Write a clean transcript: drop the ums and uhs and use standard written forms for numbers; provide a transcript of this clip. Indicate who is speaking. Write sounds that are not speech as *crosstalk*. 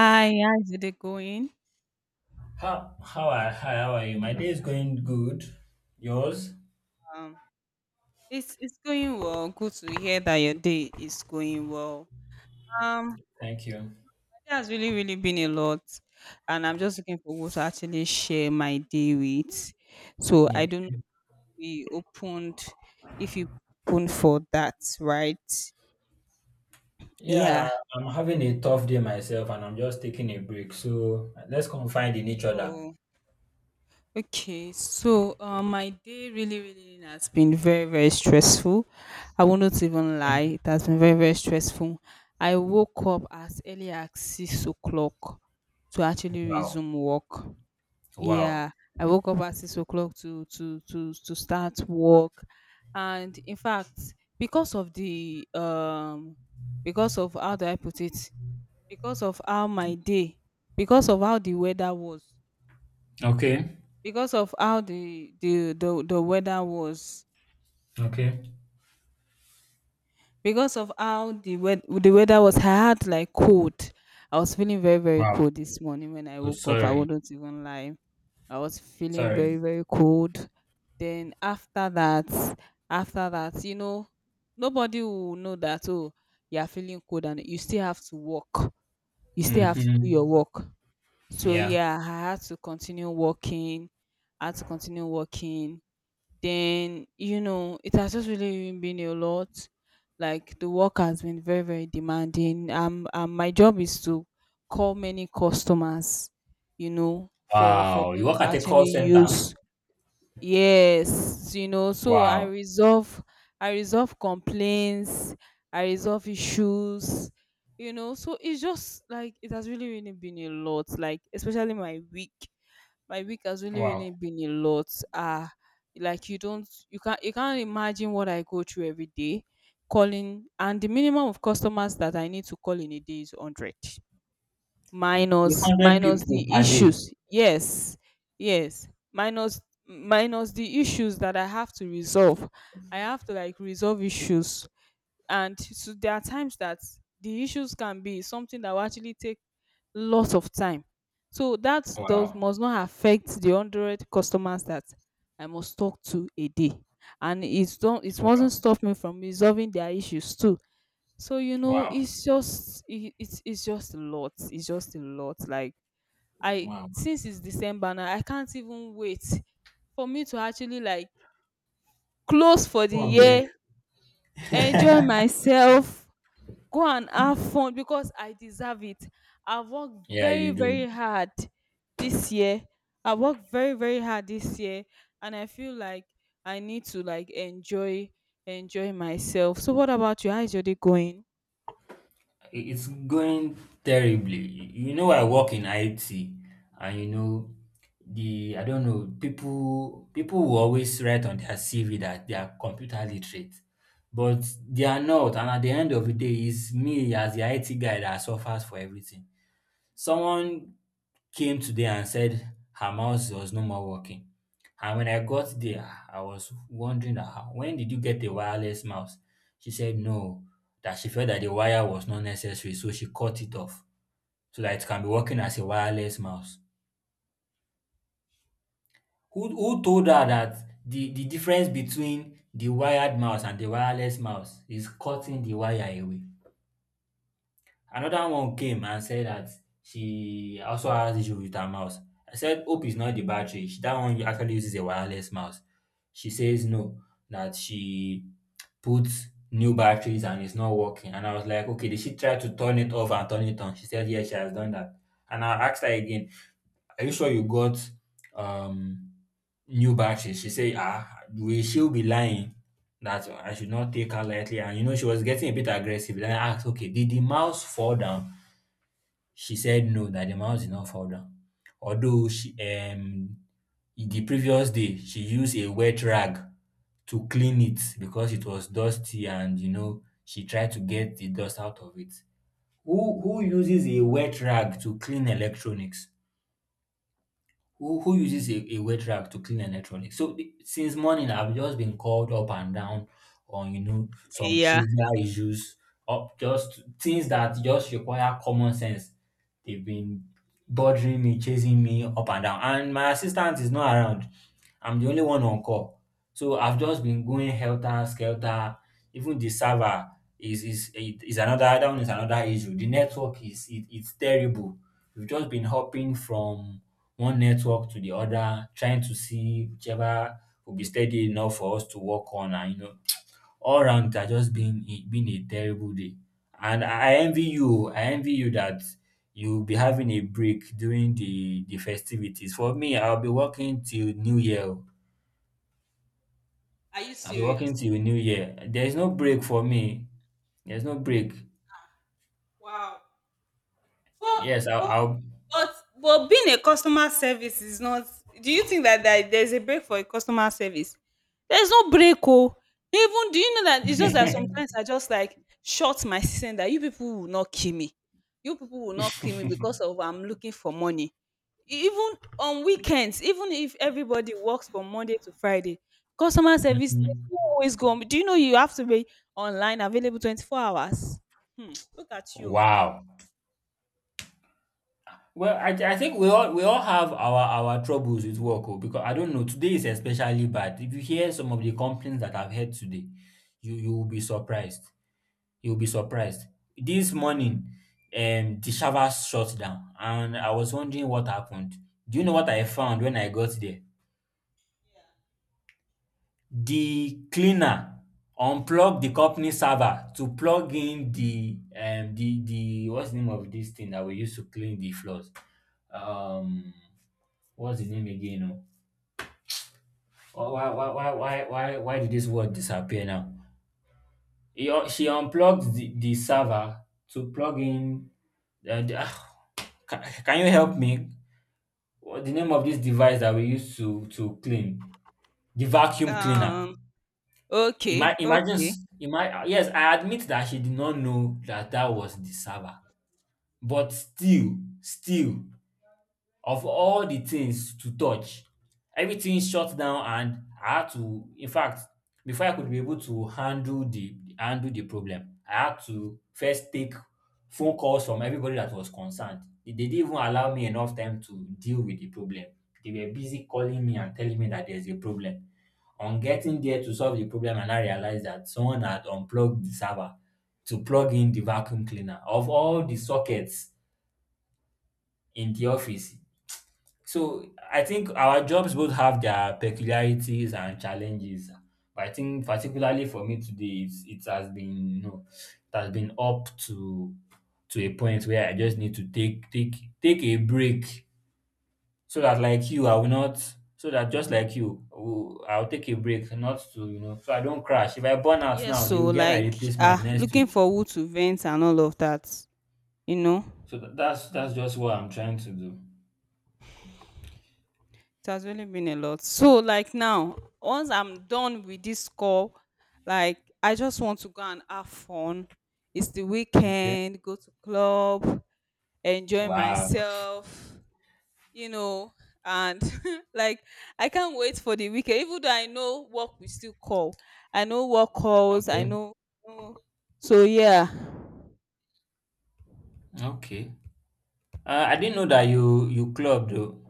Speaker 1: Hi, how's your day going?
Speaker 2: How are hi, how are you? My day is going good. Yours?
Speaker 1: Um, it's going well. Good to hear that your day is going well. Um,
Speaker 2: Thank you.
Speaker 1: it has really been a lot, and I'm just looking for who to actually share my day with. So I
Speaker 2: Okay.
Speaker 1: don't know if we opened if you open for that, right?
Speaker 2: Yeah,
Speaker 1: Yeah.
Speaker 2: I'm having a tough day myself, and I'm just taking a break. So let's confide in each other.
Speaker 1: So okay, so my day really, really has been very, very stressful. I will not even
Speaker 2: Okay?
Speaker 1: lie, it has been very, very stressful. I woke up as early as 6 o'clock to actually
Speaker 2: Wow.
Speaker 1: resume work.
Speaker 2: Wow.
Speaker 1: Yeah, I woke up at 6 o'clock to start work, and in fact, because of the because of how do I put it, because of how my day, because of how the weather was
Speaker 2: Okay.
Speaker 1: because of how the weather was
Speaker 2: Okay.
Speaker 1: because of how the the weather was I had like cold. I was feeling very, very
Speaker 2: Wow.
Speaker 1: cold this morning when I
Speaker 2: Oh,
Speaker 1: woke up. I
Speaker 2: sorry.
Speaker 1: wouldn't even lie, I was feeling
Speaker 2: Sorry.
Speaker 1: very, very cold. Then after that, nobody will know that, oh, you're feeling cold and you still have to work, you still have to do your
Speaker 2: Mm-hmm.
Speaker 1: work. So
Speaker 2: Yeah.
Speaker 1: yeah, I had to continue working, I had to continue working. Then it has just really been a lot. Like the work has been very, very demanding. My job is to call many customers, you know, for
Speaker 2: Wow, you
Speaker 1: them
Speaker 2: work
Speaker 1: to
Speaker 2: at a call
Speaker 1: actually
Speaker 2: center.
Speaker 1: use. Yes, you know, so i
Speaker 2: Wow.
Speaker 1: resolve I resolve complaints, I resolve issues. You know, so it's just like it has really, really been a lot. Like especially my week, my week has really,
Speaker 2: Wow.
Speaker 1: really been a lot. Ah, like you don't, you can't, you can't imagine what I go through every day, calling. And the minimum of customers that I need to call in a day is 100,
Speaker 2: You
Speaker 1: minus
Speaker 2: hundred people
Speaker 1: the
Speaker 2: per day.
Speaker 1: issues. Yes, yes, minus the issues that I have to resolve. I have to like resolve issues, and so there are times that the issues can be something that will actually take lots of time, so that does
Speaker 2: Wow.
Speaker 1: must not affect the hundred customers that I must talk to a day. And it don't, it
Speaker 2: Wow.
Speaker 1: mustn't stop me from resolving their issues too. So you know
Speaker 2: Wow.
Speaker 1: it's just a lot, it's just a lot. Like I,
Speaker 2: Wow.
Speaker 1: since it's December now, I can't even wait for me to actually like close for the
Speaker 2: Go on break.
Speaker 1: year, enjoy myself, go and have fun because I deserve it. I've worked
Speaker 2: Yeah,
Speaker 1: very,
Speaker 2: you do.
Speaker 1: very hard this year. I worked very, very hard this year, and I feel like I need to like enjoy myself. So what about you? How is your day going?
Speaker 2: It's going terribly. You know, I work in IT, and the I don't know people. People will always write on their CV that they are computer literate, but they are not. And at the end of the day, it's me as the IT guy that suffers for everything. Someone came today and said her mouse was no more working. And when I got there, I was wondering that, "Ah, when did you get a wireless mouse? She said no, that she felt that the wire was not necessary, so she cut it off so that it can be working as a wireless mouse. Who told her that the difference between the wired mouse and the wireless mouse is cutting the wire away? Another one came and said that she also has issue with her mouse. I said, hope it's not the battery. She, that one actually uses a wireless mouse. She says no, that she puts new batteries and it's not working. And I was like, okay, did she try to turn it off and turn it on? She said, yes, she has done that. And I asked her again, are you sure you got um new batteries? She said, ah, will she be lying? That I should not take her lightly. And you know, she was getting a bit aggressive. Then I asked, okay, did the mouse fall down? She said no, that the mouse is not fall. Although she the previous day she used a wet rag to clean it because it was dusty and she tried to get the dust out of it. Who uses a wet rag to clean electronics? Who uses a wet rack to clean electronics? Since morning, I've just been called up and down on some
Speaker 1: Yeah.
Speaker 2: trivial issues, up just things that just require common sense. They've been bothering me, chasing me up and down, and my assistant is not around. I'm the only one on call, so I've just been going helter skelter. Even the server is another, that one is another issue. The network is it's terrible. We've just been hopping from one network to the other, trying to see whichever will be steady enough for us to work on. And you know, all round it has just been been a terrible day. And I envy you. I envy you that you'll be having a break during the festivities. For me, I'll be working till New Year, oh.
Speaker 1: Are you
Speaker 2: I'll be working
Speaker 1: serious?
Speaker 2: till New Year. There's no break for me. There's no break.
Speaker 1: Wow. For
Speaker 2: Yes,
Speaker 1: but
Speaker 2: I'll
Speaker 1: but being a customer service is not, do you think that there's a break for a customer service? There's no break oh. Even do you know that it's just that
Speaker 2: *laughs*
Speaker 1: sometimes I just like shut my system that you people will not kill me. You people will not kill me because of I'm looking for money. Even on weekends, even if everybody works from Monday to Friday, customer service
Speaker 2: Mhm.
Speaker 1: they always go on. Do you know you have to be online available 24 hours? Hmm, look at you.
Speaker 2: Wow. Well, I think we all have our troubles with work oh, because I don't know, today is especially bad. If you hear some of the complaints that I've heard today, you will be surprised. You'll be surprised. This morning, the servers shut down, and I was wondering what happened. Do you know what I found when I got there? The cleaner unplugged the company server to plug in the the, what's the name of this thing that we use to clean the floors? Um what's the name again, oh? Why did this word disappear now? She unplugged the server to plug in. Uh, the, ah, can you help me? What the name of this device that we use to clean, the vacuum cleaner?
Speaker 1: Um okay, okay.
Speaker 2: Yes, I admit that she did not know that that was the server, but still, of all the things to touch, everything shut down and I had to, in fact, before I could be able to handle the problem, I had to first take phone calls from everybody that was concerned. They didn't even allow me enough time to deal with the problem. They were busy calling me and telling me that there's a problem. On getting there to solve the problem, and I realized that someone had unplugged the server to plug in the vacuum cleaner. Of all the sockets in the office, so I think our jobs both have their peculiarities and challenges. But I think particularly for me today, it has been, you know, it has been up to a point where I just need to take take a break, so that like you I will not, so that just like you I will- I'll take a break, not to, you know, so I don't crash. If I burn out
Speaker 1: Yes,
Speaker 2: now, they
Speaker 1: so
Speaker 2: will get my
Speaker 1: like
Speaker 2: replacement next
Speaker 1: looking
Speaker 2: week.
Speaker 1: for who to vent and all of that, you know,
Speaker 2: That's just what I'm trying to do.
Speaker 1: it has really been a lot. So like now, once I'm done with this call, like I just want to go and have fun. It's the
Speaker 2: Okay.
Speaker 1: weekend, go to club, enjoy
Speaker 2: Wow.
Speaker 1: myself, you know, and *laughs* like I can't wait for the weekend. Even though I know work we still call, I know work calls, I
Speaker 2: Okay.
Speaker 1: know. I know- So yeah.
Speaker 2: Okay. I didn't know that you club though.